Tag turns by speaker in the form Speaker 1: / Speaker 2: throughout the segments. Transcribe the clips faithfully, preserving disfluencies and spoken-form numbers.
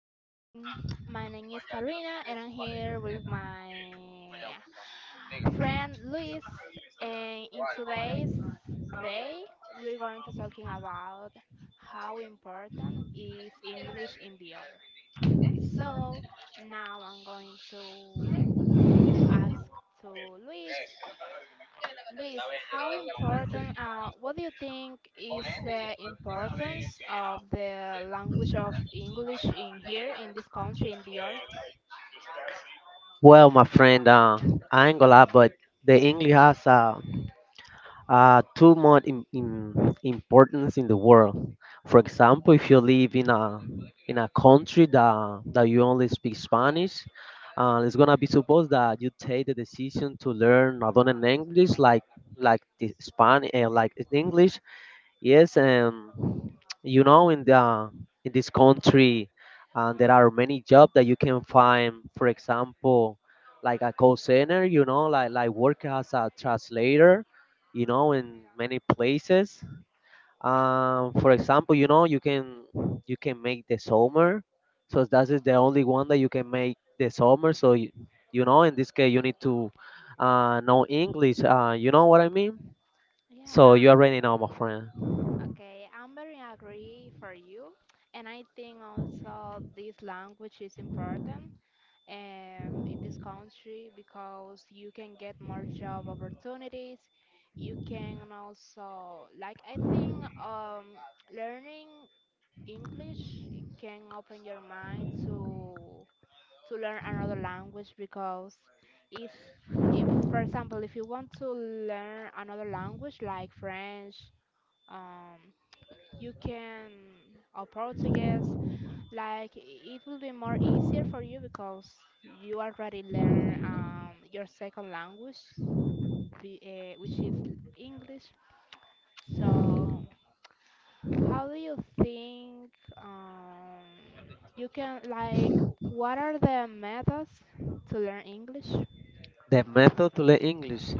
Speaker 1: And my name is Karina and I'm here with my friend Luis and in today's day we're going to talking about how important is English in the art. So now I'm going to ask to Luis Luis, how important, uh, what do you think is the importance of the language of English in here, in this country, in the earth?
Speaker 2: Well, my friend, uh, I ain't gonna lie, but the English has uh, uh, too much in, in importance in the world. For example, if you live in a in a country that that you only speak Spanish, uh, it's gonna be supposed that you take the decision to learn not only an English like like the Spanish, uh, like in English. Yes, um, you know, in the in this country, uh, there are many jobs that you can find. For example, like a call center, you know, like like work as a translator, you know, in many places. Um, for example, you know, you can you can make the summer, so that is the only one that you can make the summer. So you, you know, in this case, you need to uh, know English. Uh, you know what I mean?
Speaker 1: Yeah,
Speaker 2: So
Speaker 1: uh,
Speaker 2: you already know, my friend.
Speaker 1: okay, I'm very agree for you, and I think also this language is important um, in this country because you can get more job opportunities. You can also like I think um, learning English can open your mind to to learn another language because it's if, for example, if you want to learn another language like French, um, you can or Portuguese, like i- it will be more easier for you because you already learn um, your second language, the, uh, which is l- English. So how do you think um, you can like what are the methods to learn English?
Speaker 2: The method to learn English.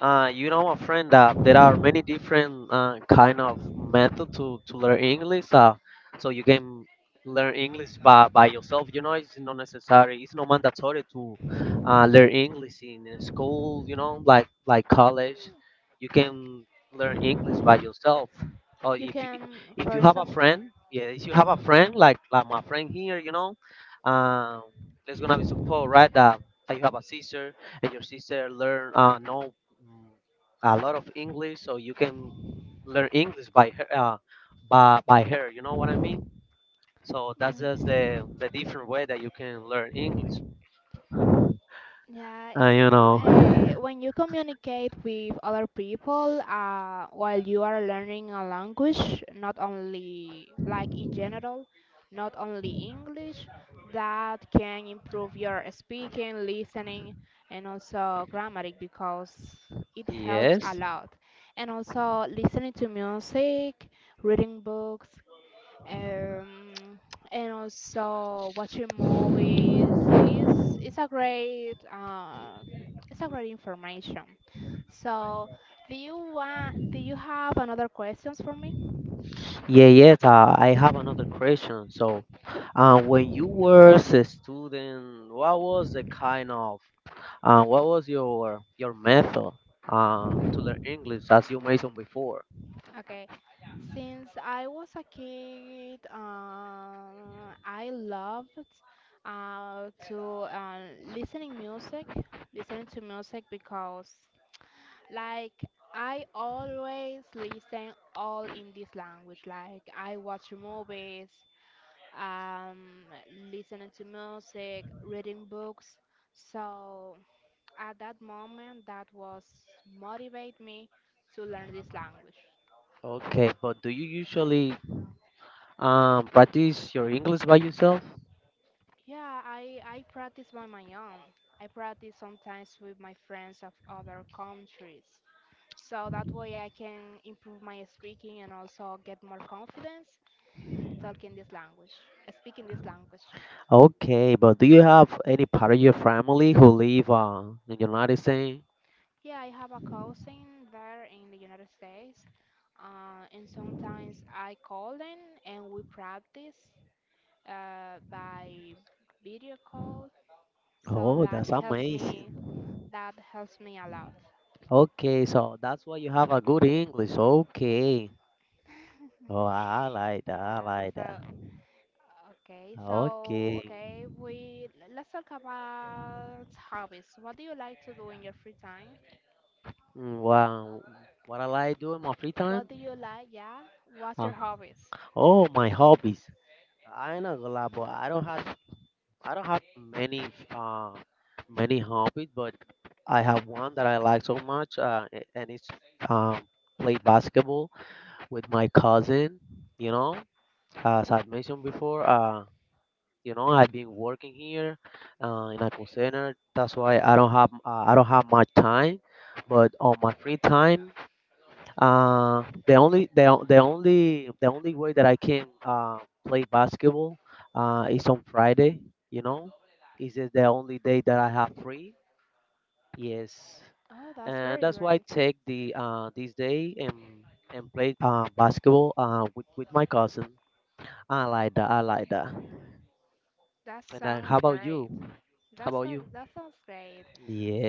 Speaker 2: Uh, you know, my friend, that there are many different uh, kind of method to, to learn English. Uh, so you can learn English by, by yourself. You know, it's not necessary. It's not mandatory to uh, learn English in a school. You know, like like college, you can learn English by yourself. Or
Speaker 1: You
Speaker 2: if you,
Speaker 1: can
Speaker 2: if you
Speaker 1: for
Speaker 2: have a
Speaker 1: some
Speaker 2: friend, yeah, if you have a friend like like my friend here, you know, um, there's gonna be support, right? That, that you have a sister and your sister learn uh, know mm, a lot of English, so you can learn English by her, uh, by, by her. You know what I mean? So that's just
Speaker 1: yeah.
Speaker 2: the the different way that you can learn English. Uh,
Speaker 1: Yeah,
Speaker 2: you know,
Speaker 1: uh, when you communicate with other people uh, while you are learning a language, not only like in general, not only English, that can improve your speaking, listening, and also grammatic because it helps a
Speaker 2: yes,
Speaker 1: lot. And also listening to music, reading books, um, and also watching movies is it's a great uh, it's a great information. So, do you want do you have another questions for me?
Speaker 2: yeah, yes. Uh, I have another question. So, uh, when you were a student, what was the kind of, uh, what was your your method, uh, to learn English, as you mentioned before?
Speaker 1: Okay. Since I was a kid, uh, I loved uh, to uh, listening music, listening to music because like I always listen all in this language. Like I watch movies, um, listening to music, reading books. So at that moment, that was motivate me to learn this language.
Speaker 2: Okay, but do you usually, um, practice your English by yourself.
Speaker 1: Yeah, I I practice by my own. I practice sometimes with my friends of other countries. So that way I can improve my speaking and also get more confidence talking this language, speaking this language.
Speaker 2: Okay, but do you have any part of your family who live uh, in the United States?
Speaker 1: Yeah, I have a cousin there in the United States, uh, and sometimes I call them and we practice uh, by video call. So
Speaker 2: Oh,
Speaker 1: that
Speaker 2: that's
Speaker 1: helps
Speaker 2: amazing.
Speaker 1: me. That helps me a lot.
Speaker 2: Okay, so that's why you have a good English. Okay. Oh, I like that. I
Speaker 1: Yeah.
Speaker 2: like that.
Speaker 1: So okay. So
Speaker 2: Okay.
Speaker 1: okay. We Let's talk about hobbies. What do you like to do in your free time?
Speaker 2: Mm, wow. What I like doing my free
Speaker 1: What
Speaker 2: time?
Speaker 1: do you like? Yeah. What's your hobbies?
Speaker 2: Oh, my hobbies. I ain't not gonna lie, but I don't have, I don't, many uh, many hobbies, but I have one that I like so much, uh, a- and it's, um, play basketball with my cousin. You know, as I mentioned before, uh, you know, I've been working here uh, in a call center. That's why I don't have uh, I don't have much time, but on my free time, uh, the only the, o- the only the only way that I can uh, play basketball uh, is on Friday. You know, is it the only day that I have free? Yes,
Speaker 1: Oh, that's
Speaker 2: and
Speaker 1: very
Speaker 2: that's why I
Speaker 1: great.
Speaker 2: take the uh, this day and and play uh, basketball uh, with with my cousin. I like that. I like that.
Speaker 1: That
Speaker 2: And then
Speaker 1: sounds
Speaker 2: how about you?
Speaker 1: great.
Speaker 2: How
Speaker 1: That's
Speaker 2: about
Speaker 1: how,
Speaker 2: you?
Speaker 1: that sounds great.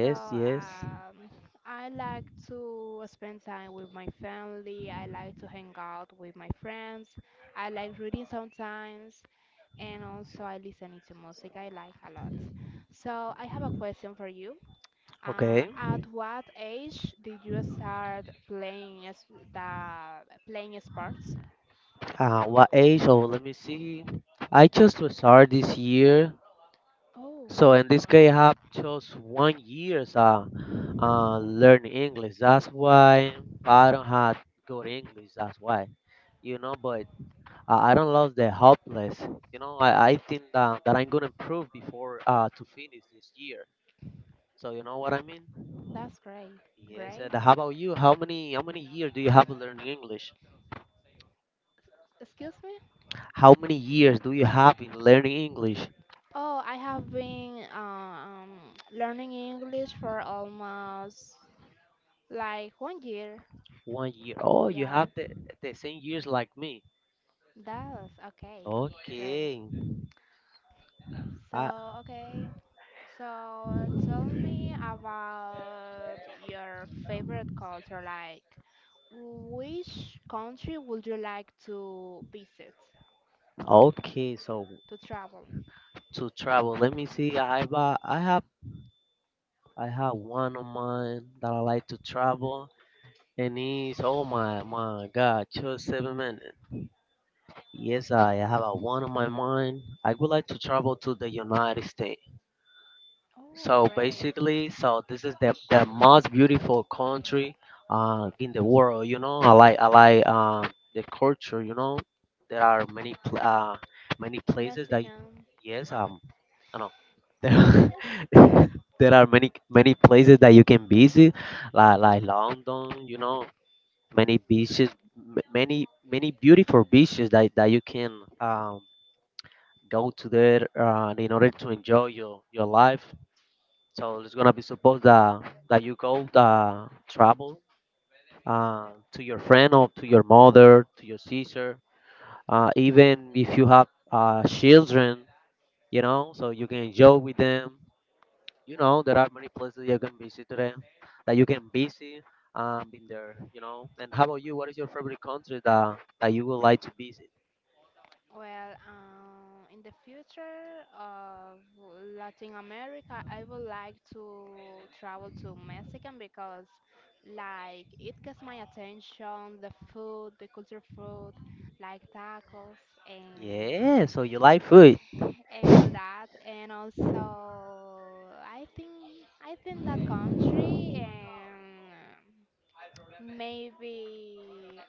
Speaker 1: So um, I like to spend time with my family. I like to hang out with my friends. I like reading sometimes, and also I listening to music. I like a lot. So I have a question for you. Uh,
Speaker 2: Okay.
Speaker 1: at what age did you start playing as the playing sports?
Speaker 2: Uh, what age? Oh, let me see. I chose to start this year.
Speaker 1: Oh,
Speaker 2: So in this case, I have just one years uh, uh learning English. That's why I don't have good English. That's why, you know. But I, I don't love the hopeless. You know, I, I think that, that I'm gonna improve before uh to finish this year. So you know what I mean?
Speaker 1: that's great.
Speaker 2: Yes. And
Speaker 1: Great.
Speaker 2: how about you? How many how many years do you have learning English?
Speaker 1: Excuse me?
Speaker 2: How many years do you have in learning English?
Speaker 1: Oh, I have been um, learning English for almost like one year.
Speaker 2: One year. Oh, you
Speaker 1: Yeah,
Speaker 2: have the the same years like me.
Speaker 1: that's okay. Great.
Speaker 2: Okay. I,
Speaker 1: So, okay. So, tell me about your favorite culture. Like, which country would you like to visit,
Speaker 2: okay, so
Speaker 1: to travel?
Speaker 2: to travel, let me see. I have I have I have one of mine that I like to travel, and it's oh my my God, just seven minutes. Yes, I have a one on my mind. I would like to travel to the United States.
Speaker 1: Oh,
Speaker 2: So
Speaker 1: great.
Speaker 2: basically, so this is the, the most beautiful country uh, in the world. You know, I like I like uh, the culture. You know, there are many pl- uh, many places that
Speaker 1: Mexican.
Speaker 2: yes
Speaker 1: Oh,
Speaker 2: um I know there are, there are many many places that you can visit like like London. You know, many beaches, m- many many beautiful beaches that that you can um, go to there uh, in order to enjoy your your life, so it's gonna be supposed that that you go uh, travel uh, to your friend or to your mother, to your sister, uh, even if you have uh, children, you know, so you can enjoy with them. You know, there are many places you can visit today that you can visit um, in there. You know, and how about you? What is your favorite country that that you would like to visit?
Speaker 1: Well, um, in the future of Latin America, I would like to travel to Mexican because, like, it gets my attention, the food, the culture food, like tacos and
Speaker 2: Yeah, so you like food.
Speaker 1: and all that. And also, I think I think that country and maybe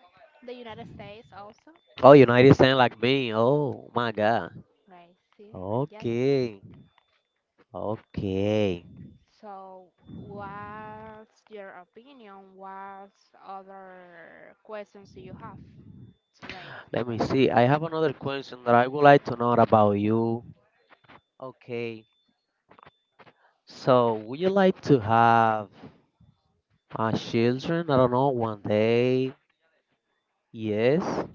Speaker 1: the United States also,
Speaker 2: Oh, United States like me. Oh my God.
Speaker 1: right? See, yes.
Speaker 2: Okay. Okay.
Speaker 1: So, what's your opinion? What other questions do you have today?
Speaker 2: Let me see. I have another question that I would like to know about you. Okay. So, would you like to have uh, children? I don't know, one day. Yes.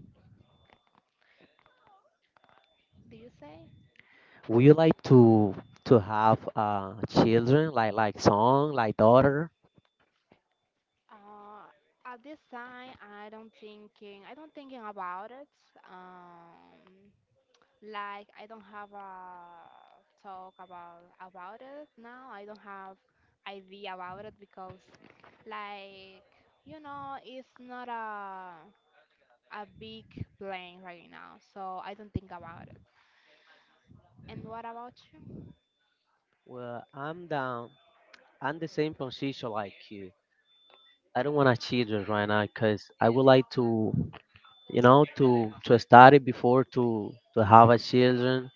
Speaker 1: Do you say?
Speaker 2: Would you like to to have uh, children, like like son, like daughter?
Speaker 1: Uh, at this time, I don't thinking. I don't thinking about it. Um, like I don't have a talk about about it now. I don't have idea about it because, like you know, it's not a a big plan right now. So I don't think about it. And what about you?
Speaker 2: Well, I'm down. I'm the same position like you. I don't want a children right now because I would like to, you know, to to study before to to have a children.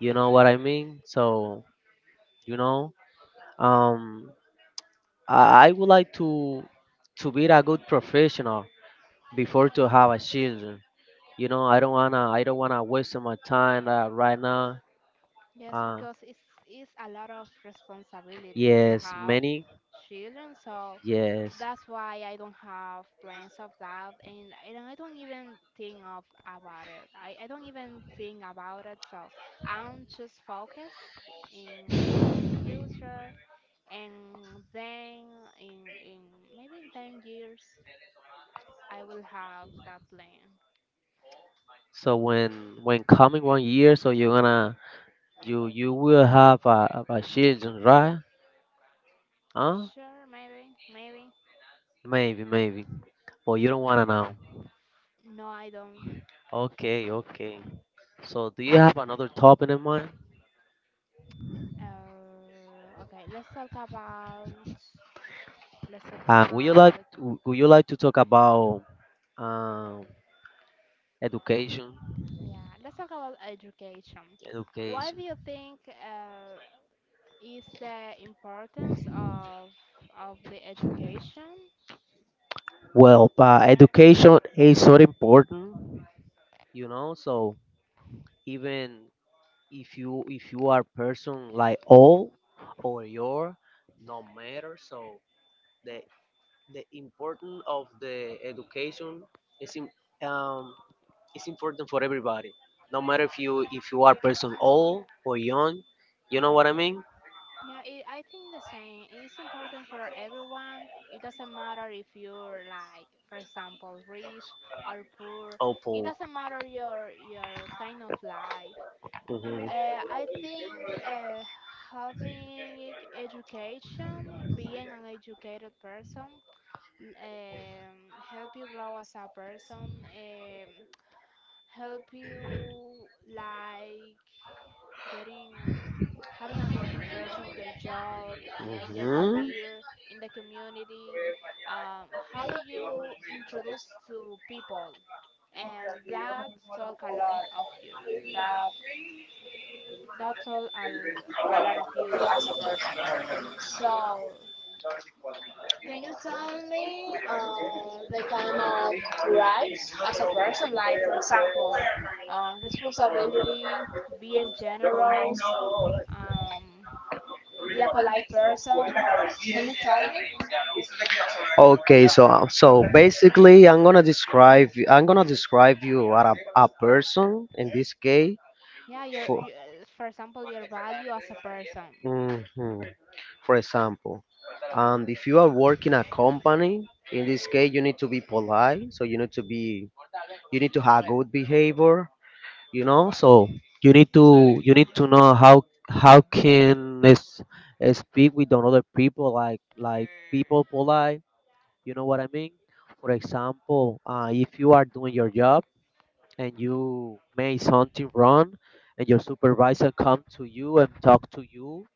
Speaker 2: You know what I mean? So you know, Um, I I would like to to be a good professional before to have a children. You know, I don't wanna I don't wanna waste my time uh, right now.
Speaker 1: Yes,
Speaker 2: Uh,
Speaker 1: because it's it's a lot of responsibility to
Speaker 2: yes,
Speaker 1: have
Speaker 2: many
Speaker 1: children, so
Speaker 2: yes.
Speaker 1: that's why I don't have plans of that, and and I don't even think of about it. I, I don't even think about it, so I'm just focused in in the future, and then in in maybe in ten years I will have that plan.
Speaker 2: So when when coming one year, so you're gonna, you you will have a, a children, right? Huh?
Speaker 1: Sure, maybe, maybe.
Speaker 2: Maybe maybe, but you don't wanna know.
Speaker 1: No, I don't.
Speaker 2: Okay, okay. So do you have another topic in mind?
Speaker 1: Uh, okay, let's talk about let's talk
Speaker 2: Uh, would you like,
Speaker 1: about
Speaker 2: would you like to talk about? Um, education,
Speaker 1: yeah, let's talk about education. Why do
Speaker 2: education.
Speaker 1: you think uh, is the importance of of the education?
Speaker 2: Well, uh, education is so important, you know. So even if you, if you are person like old or your, no matter. So the the importance of the education is im-, um, is important for everybody. No matter if you, if you are person old or young, you know what I mean.
Speaker 1: Yeah, it, I think the same. It's important for everyone. It doesn't matter if you're like, for example, rich or poor.
Speaker 2: Oh,
Speaker 1: It
Speaker 2: poor.
Speaker 1: doesn't matter your your kind of life. Uh, I think uh, having education, being an educated person, um, help you grow as a person, um, help you like getting having a good impression in your job, in your career, in the community. Um, how do you introduce to people? And that talk a lot of you. That that's all I A lot of you as a person. So, can you tell me uh, the kind of rights as a person, like for example, uh, responsibility, being generous, um, be a polite person? Can you tell me?
Speaker 2: So, uh, so basically, I'm gonna describe I'm gonna describe you as a, a person in this case.
Speaker 1: Yeah, your,
Speaker 2: For,
Speaker 1: you, uh, for example, your value as a person.
Speaker 2: mhm, for example, and if you are working a company, in this case, you need to be polite. So you need to be, you need to have good behavior. You know, so you need to you need to know how how can s- uh, speak with another people like like people polite. You know what I mean? For example, uh, if you are doing your job and you made something wrong and your supervisor come to you and talk to you,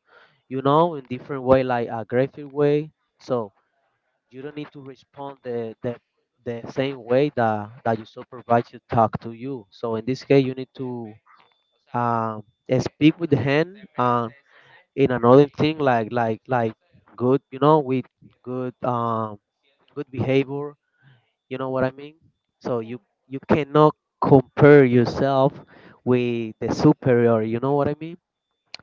Speaker 2: you know, in different way like aggressive way, so you don't need to respond the the, the same way that that your supervisor talk to you, so in this case you need to, um, speak with the hand, um, in another thing like like like good, you know, with good, um, good behavior, you know what I mean? So
Speaker 1: Yeah,
Speaker 2: you you cannot compare yourself with the superior. You know what I mean?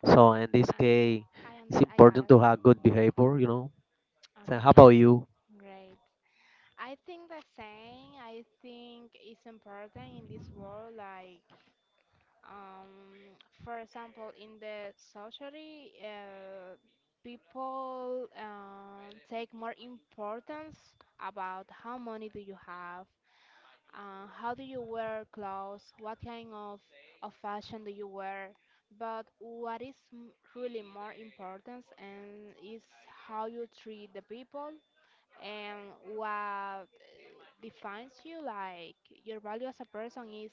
Speaker 2: So in this case,
Speaker 1: I, I under,
Speaker 2: it's
Speaker 1: I got
Speaker 2: important
Speaker 1: it.
Speaker 2: to have good behavior. You know. So how
Speaker 1: Okay,
Speaker 2: about you?
Speaker 1: great. I think the same. I think it's important in this world. Like, um, for example, in the society, uh, people uh, take more importance about how money do you have, uh, how do you wear clothes, what kind of, of fashion do you wear. But what is m- really more important and is how you treat the people and what defines you like your value as a person is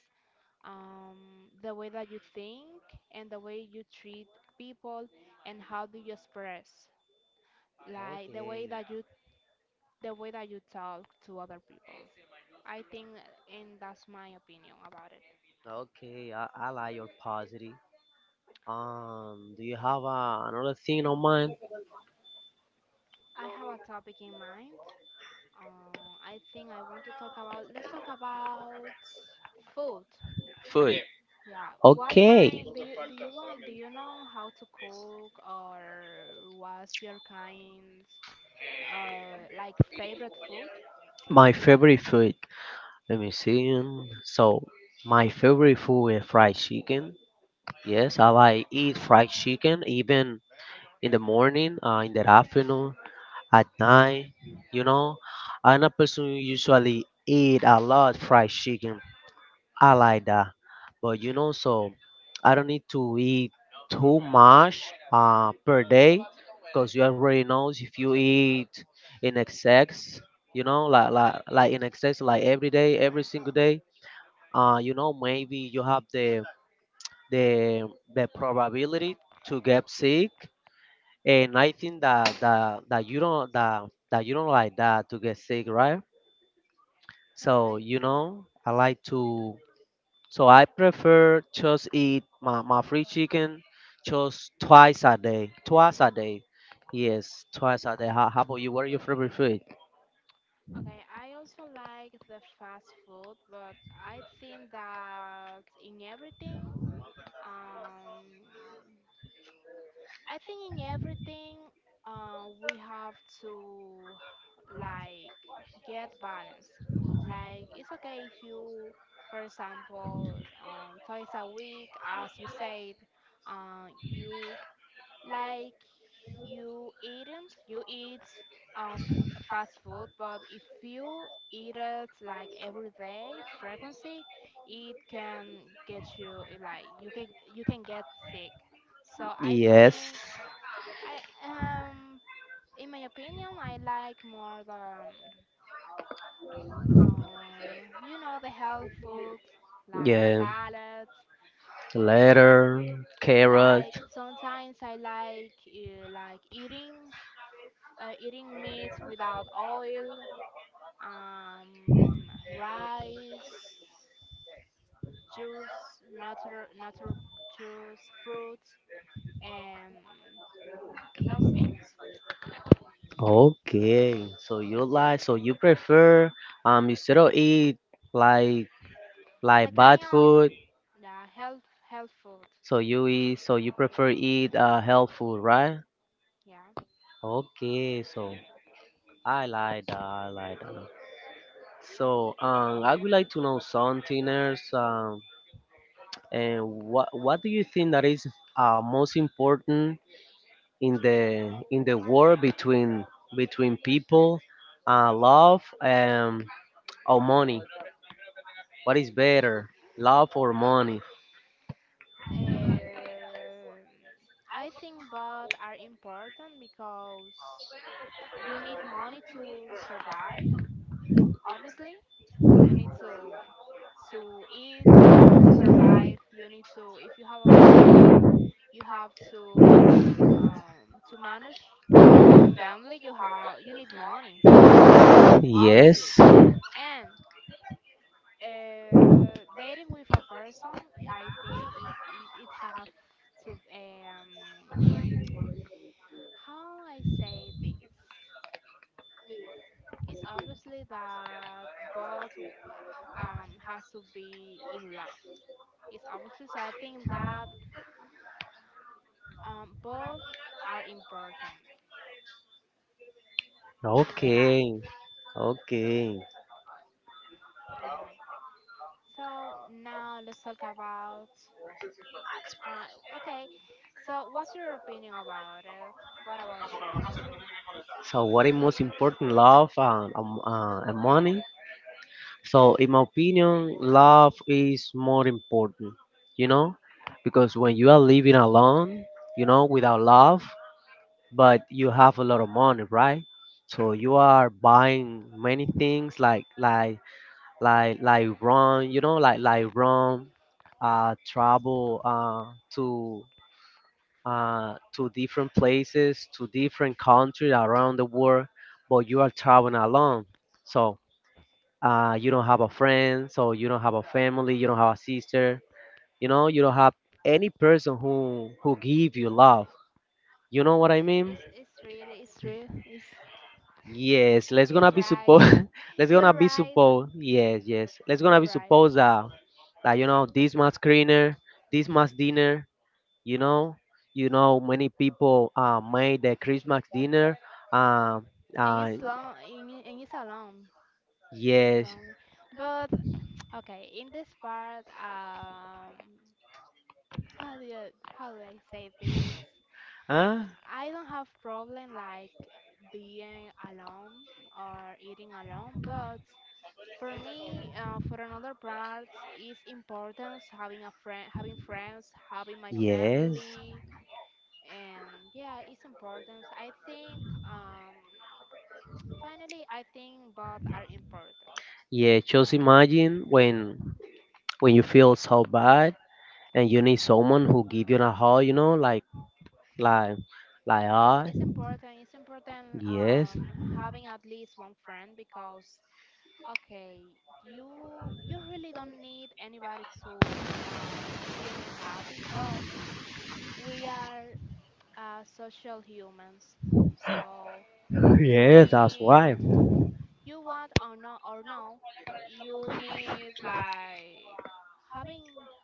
Speaker 1: um, the way that you think and the way you treat people and how do you express like the way that you the way that you talk to other people I think and that's my opinion about it.
Speaker 2: Okay, I, I like your positive. Um, do you have uh, another thing on mind?
Speaker 1: I have a topic in mind. uh, I think I want to talk about let's talk about food.
Speaker 2: Food.
Speaker 1: Yeah, what
Speaker 2: Okay,
Speaker 1: kind do you do you want? Do you know how to cook or what's your kind's uh like favorite food?
Speaker 2: my favorite food. Let me see. um, So, my favorite food is fried chicken. Yes, I like eat fried chicken even in the morning, uh, in the afternoon, at night, you know. I'm a person who usually eat a lot fried chicken. I like that. But you know, so I don't need to eat too much uh, per day because you already know if you eat in excess, you know, like, like, like in excess, like every day, every
Speaker 1: Yeah.
Speaker 2: single day, uh, you know, maybe you have the, the, the probability to get sick and I think that that that you don't that that you don't like that to get sick, right?
Speaker 1: Yeah,
Speaker 2: So
Speaker 1: I
Speaker 2: you
Speaker 1: think
Speaker 2: know, I like to. So I prefer just eat my my free chicken just twice a day, twice a day. Yes, twice a day. How, how about you? What are your favorite food?
Speaker 1: okay, I also like the fast food, but I think that in everything um I think in everything, uh, we have to like get balance. Like it's okay if you, for example, um, twice a week, as you said, uh, you like you eating, you eat uh, f- fast food, but if you eat it like every day frequency, it can get you eh, like you can you can get sick. So I
Speaker 2: Yes,
Speaker 1: think. I um, in my opinion, I like more the um, you know, the health food like salads. Um,
Speaker 2: letter, carrot.
Speaker 1: like sometimes I like uh, like eating uh, eating meats without oil. Um, Rice, juice, natural natural juice, fruits, and those things.
Speaker 2: Okay, so you like, so you prefer um instead of eat like
Speaker 1: The
Speaker 2: like bad
Speaker 1: kind of
Speaker 2: food.
Speaker 1: yeah, health health food.
Speaker 2: So you eat, so you prefer eat uh, health food, right?
Speaker 1: Yeah.
Speaker 2: Okay, so I like that. I like that. So um, I would like to know something else. Um, and what what do you think that is uh, most important in the in the war between between people, uh, love um, or money? What is better, love or money?
Speaker 1: Um I think both are important because you need money to survive, obviously. You need to to eat, to survive. You need to If you have a family, you have to um, to manage that family. You have you need money, ob- it's
Speaker 2: Yes.
Speaker 1: obviously. And Uh, dating with a person, I think it it, it have to um how I say this. It's obviously that both um has to be in love. It's obviously so I think that um both are important in the life.
Speaker 2: Okay. Okay.
Speaker 1: Yeah. So now let's talk about uh okay. So what's your opinion about it? What about you?
Speaker 2: So what is most important, love and, um, uh, and money? So in my opinion, love is more important, you know, because when you are living alone, you know, without love, but you have a lot of money, right? So you are buying many things like like like like rum, you know, like like rum, uh, travel uh, to uh, to different places, to different countries around the world, but you are traveling alone. So uh, you don't have a friend, so you don't have a family, you don't have a sister, you know, you don't have any person who who give you love. You know what I mean?
Speaker 1: It's it's real, it's real, it's
Speaker 2: Yes, let's gonna
Speaker 1: it's
Speaker 2: be
Speaker 1: right.
Speaker 2: suppose. Let's
Speaker 1: You're
Speaker 2: gonna be
Speaker 1: right,
Speaker 2: suppose, yes, yes. Let's gonna
Speaker 1: you're
Speaker 2: be
Speaker 1: right.
Speaker 2: suppose that, that you know this much cleaner, this much dinner, you know, you know many people uh, made the christmas dinner. um
Speaker 1: And
Speaker 2: uh,
Speaker 1: it's long, and it- and it's alone, it's
Speaker 2: yes,
Speaker 1: lonely. But okay, in this part, um, how do you, how do I say this?
Speaker 2: uh,
Speaker 1: I don't have problem like being alone or eating alone, but for me, uh, for another part, it's important having a friend, having friends, having my
Speaker 2: yes,
Speaker 1: family and yeah it's important I think um finally i think both are important.
Speaker 2: yeah, just imagine when when you feel so bad and you need someone who give you a hug, you know, like like like
Speaker 1: Yeah, it's,
Speaker 2: uh,
Speaker 1: it's important it's important
Speaker 2: Yes.
Speaker 1: um having at least one friend because okay you you really don't need anybody to uh, being happy but we are uh, social humans so we
Speaker 2: Yes, that's
Speaker 1: need
Speaker 2: why.
Speaker 1: you want or not or no you need like having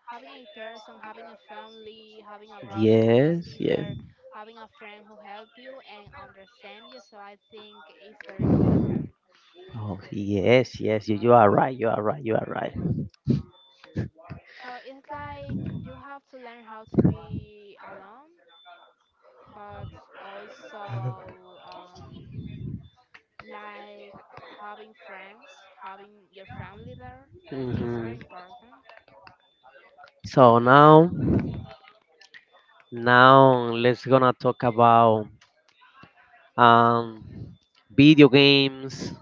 Speaker 1: having a person having a family having a brother having a
Speaker 2: Yes, yes.
Speaker 1: sister having a friend who help you and understand you so I think it's very important.
Speaker 2: Oh yes, yes, you, you are right, you are right, you are right.
Speaker 1: So it's like you have to learn how to be alone but also um, like having friends having your family there is
Speaker 2: Hmm.
Speaker 1: very important I
Speaker 2: So
Speaker 1: think that.
Speaker 2: now, now let's gonna talk about, um, video games,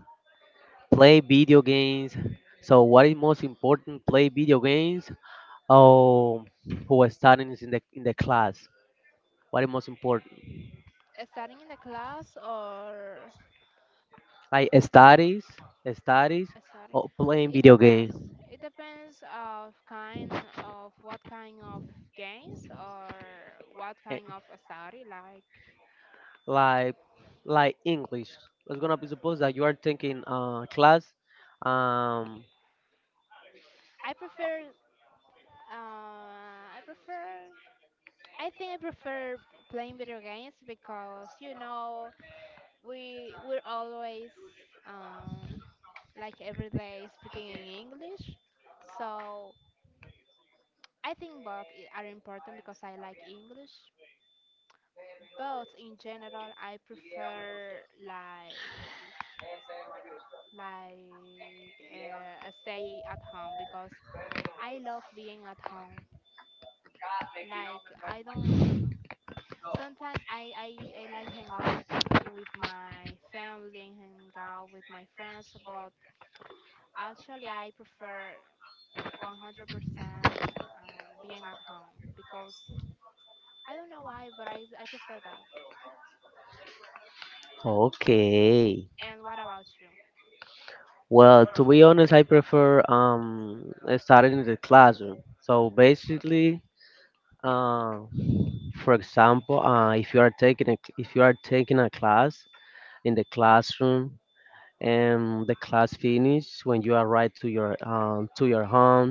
Speaker 2: play video games. So what is most important? Play video games or who are studying is in the in the class? What is most important?
Speaker 1: Starting in the class or
Speaker 2: Like studies, studies
Speaker 1: starting?
Speaker 2: or playing
Speaker 1: It
Speaker 2: video
Speaker 1: depends.
Speaker 2: game?
Speaker 1: It depends of kind of what kind of games or what
Speaker 2: Eh,
Speaker 1: kind of study. Like
Speaker 2: Like like English. It's gonna be supposed that you are taking uh class. Um,
Speaker 1: I prefer. Uh, I prefer. I think I prefer playing video games because you know we we're always um, like every day speaking in English, so I think both i- are important because I like English. But in general, I prefer like like uh, stay at home because I love being at home. Like I don't. Sometimes I I, I like hang out with my family and hang out with my friends, but actually I prefer one hundred percent um, being at home because I don't know why, but I I prefer that.
Speaker 2: okay.
Speaker 1: And what about you?
Speaker 2: Well, to be honest, I prefer um studying in the classroom. So basically, Uh, for example, uh, if you are taking a, if you are taking a class in the classroom, and the class finish when you arrive to your um, to your home,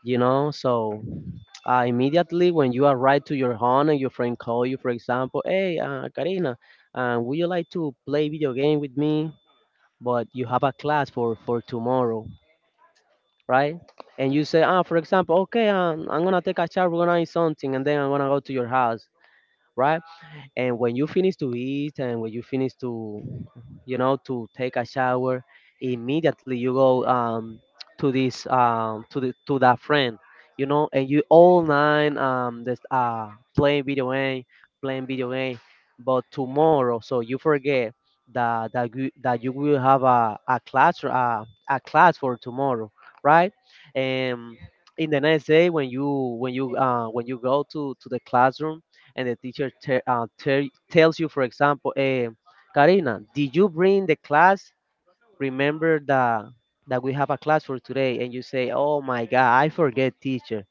Speaker 2: you know, so uh, immediately when you arrive to your home and your friend call you, for example, hey, uh, Karina, uh, would you like to play video game with me? But you have a class for for tomorrow, right? And you say, ah,
Speaker 1: Perfect.
Speaker 2: for example, okay, um, I'm gonna take a shower, we're gonna eat something, and then I'm gonna go to your house, right? And when you finish to eat and when you finish to, you know, to take a shower, immediately you go um, to this um, to the to that friend, you know, and you all nine um this uh playing video game, playing video game, but tomorrow, so you forget that that you, that you will have a, a class uh, a class for tomorrow, right? And in the next day when you when you uh, when you go to to the classroom, and the teacher te- uh, tell tells you, for example, eh, Karina, did you bring the class? Remember that that we have a class for today, and you say, oh my God, I forget, teacher,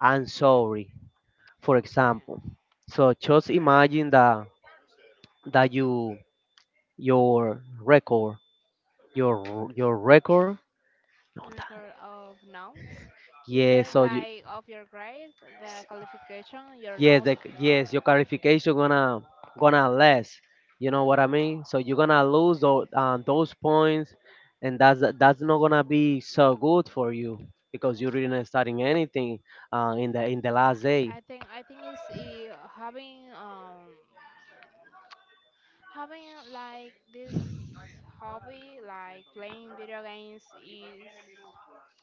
Speaker 2: I'm sorry. For
Speaker 1: Okay.
Speaker 2: example, so just imagine that that you your record, your your record.
Speaker 1: Record of notes. You
Speaker 2: Yeah,
Speaker 1: said
Speaker 2: so
Speaker 1: like of your grade, the qualification, your
Speaker 2: yes,
Speaker 1: notes.
Speaker 2: the, yes, your clarification gonna gonna less. You know what I mean? So you're gonna lose those, uh, those points, and that's that's not gonna be so good for you because you didn't starting anything uh, in the in the last day.
Speaker 1: I think I think it's uh, having um having like this hobby like playing video games is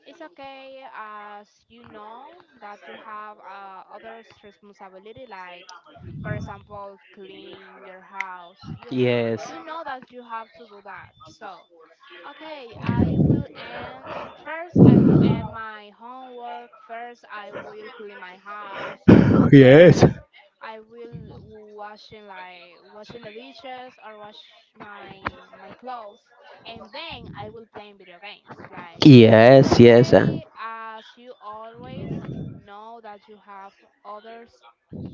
Speaker 1: it's okay as you know that you have uh, other responsibility like for example clean your house you
Speaker 2: Yes.
Speaker 1: you know that you have to do that so okay, I will end. First, I will end my homework. First, I will clean my house.
Speaker 2: Yes.
Speaker 1: First, I will washing like washing the dishes or wash my my clothes, and then I will play video games. Like it's
Speaker 2: Yes. Yes. uh.
Speaker 1: okay as you always know that you have others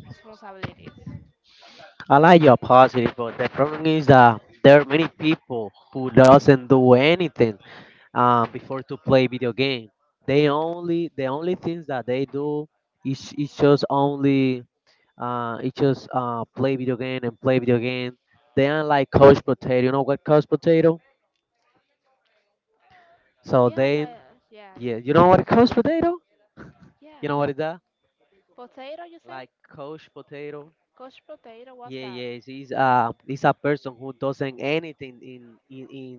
Speaker 1: responsibilities.
Speaker 2: I like your positive, but the problem is that there are many people who doesn't do anything um, before to play video game. They only the only things that they do is is just only uh it's just uh play video game and play video game. They are like couch potato. You know what couch potato? So
Speaker 1: Yes, I
Speaker 2: then
Speaker 1: yeah yeah
Speaker 2: yeah, you know what couch potato?
Speaker 1: yeah.
Speaker 2: You know what is that?
Speaker 1: Potato, you say?
Speaker 2: Like couch potato.
Speaker 1: Coach Potato, what's
Speaker 2: Yeah,
Speaker 1: that?
Speaker 2: yeah. It's, it's uh it's a person who doesn't anything in in in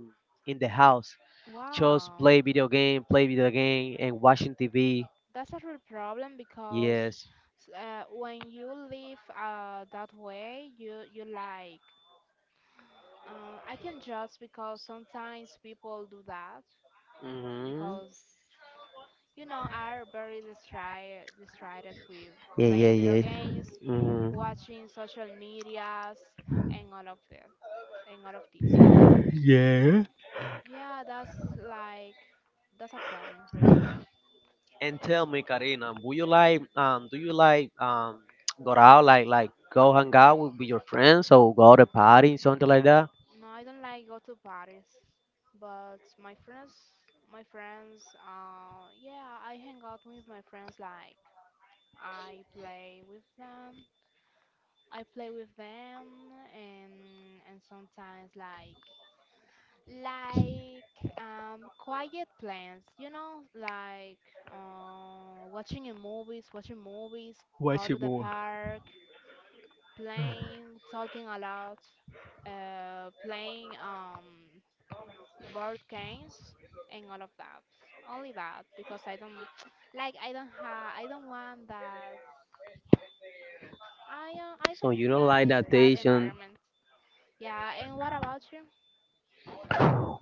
Speaker 2: in the house. Just
Speaker 1: Wow,
Speaker 2: play video game, play video game, and watching T V.
Speaker 1: that's a real problem because
Speaker 2: Yes.
Speaker 1: s- uh, when you live uh, that way, you you like. Uh, I can judge because sometimes people do that
Speaker 2: Mm.
Speaker 1: because you know are very distracted distracted with
Speaker 2: Yeah, yeah,
Speaker 1: playing video
Speaker 2: yeah.
Speaker 1: games,
Speaker 2: Mhm.
Speaker 1: watching social medias, and all of that and all of this. So
Speaker 2: Yeah.
Speaker 1: yeah, that's like that's a problem really.
Speaker 2: And tell me, Karina, would you like um do you like um go out like like go hang out with, with your friends or go to party something like that?
Speaker 1: No, I don't like go to parties, but my friends, my friends, uh, yeah, I hang out with my friends. Like I play with them, I play with them, and and sometimes like like um quiet plans, you know, like uh, watching a movies, watching movies, go
Speaker 2: Watch
Speaker 1: to
Speaker 2: it
Speaker 1: the
Speaker 2: more.
Speaker 1: park, playing, talking a lot, uh, playing um board games and all of that. Only that because I don't like I don't have I don't want that I uh, I
Speaker 2: So you
Speaker 1: don't
Speaker 2: don't like
Speaker 1: like
Speaker 2: that
Speaker 1: that
Speaker 2: Asian?
Speaker 1: environment. Yeah, and what about you?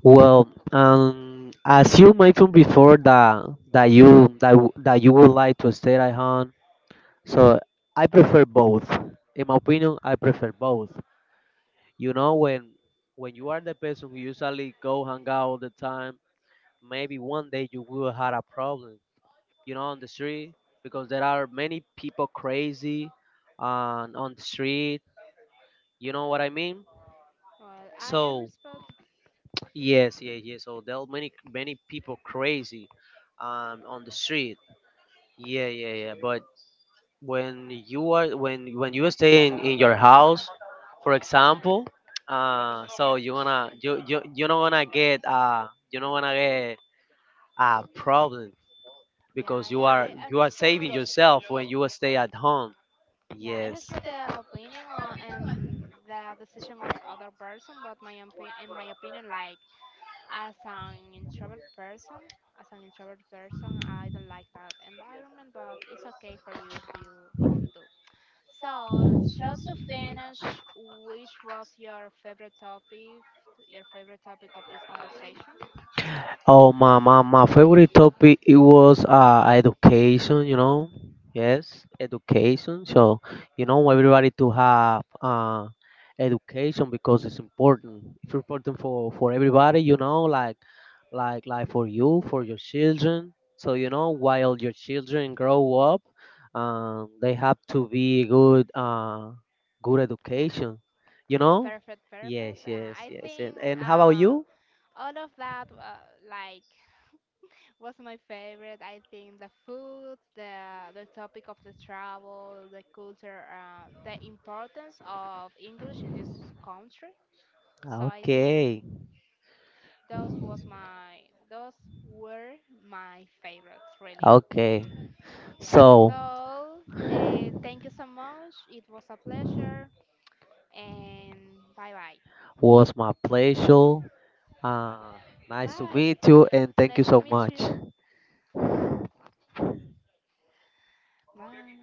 Speaker 2: Well, um, as you mentioned before that that you that w- that you would like to stay at home, so I prefer both. In my opinion, I prefer both. You know, when when you are the person who usually go hang out all the time, maybe one day you will have a problem. You know, on the street, because there are many people crazy on on the street. You know what I mean?
Speaker 1: Well, I, I
Speaker 2: So
Speaker 1: respect
Speaker 2: yes, yeah, yeah. So there are many many people crazy um, on the street. Yeah, yeah, yeah. But when you are when when you stay in, in your house, for example, uh so you wanna you you, you don't wanna get uh you don't wanna get a problem
Speaker 1: yeah,
Speaker 2: because you
Speaker 1: yeah,
Speaker 2: are
Speaker 1: I, I
Speaker 2: you are
Speaker 1: respect
Speaker 2: saving yourself when you stay at home,
Speaker 1: yeah, I
Speaker 2: yes.
Speaker 1: respect the opinion uh, and the decision of other person, but my opi- in my opinion, like as an introvert person, as an introvert person, I don't like that environment. But it's okay for you if you if you do. So, just to finish, which was your favorite topic, your favorite topic, of this conversation?
Speaker 2: Oh my my, my favorite topic it was uh education, you know, yes, education. So you know, everybody to have uh education, because it's important, it's important for for everybody, you know, like like like for you, for your children, so you know, while your children grow up, um, they have to be good uh, good
Speaker 1: Yeah.
Speaker 2: education, you know.
Speaker 1: Perfect, perfect.
Speaker 2: Yes,
Speaker 1: Uh,
Speaker 2: yes,
Speaker 1: I
Speaker 2: yes.
Speaker 1: think
Speaker 2: And, and how about
Speaker 1: uh,
Speaker 2: you?
Speaker 1: all of that uh, like was my favorite. I think the food, the the topic of the travel, the culture, uh, the importance of English in this country. So I think
Speaker 2: Okay,
Speaker 1: those was my those were my favorites really.
Speaker 2: okay,
Speaker 1: Yeah,
Speaker 2: so
Speaker 1: so uh, thank you so much. It was a pleasure. And bye bye.
Speaker 2: was my pleasure, uh, nice to
Speaker 1: Bye.
Speaker 2: meet you, and thank
Speaker 1: Nice
Speaker 2: you
Speaker 1: to
Speaker 2: so
Speaker 1: meet
Speaker 2: much.
Speaker 1: you. Bye.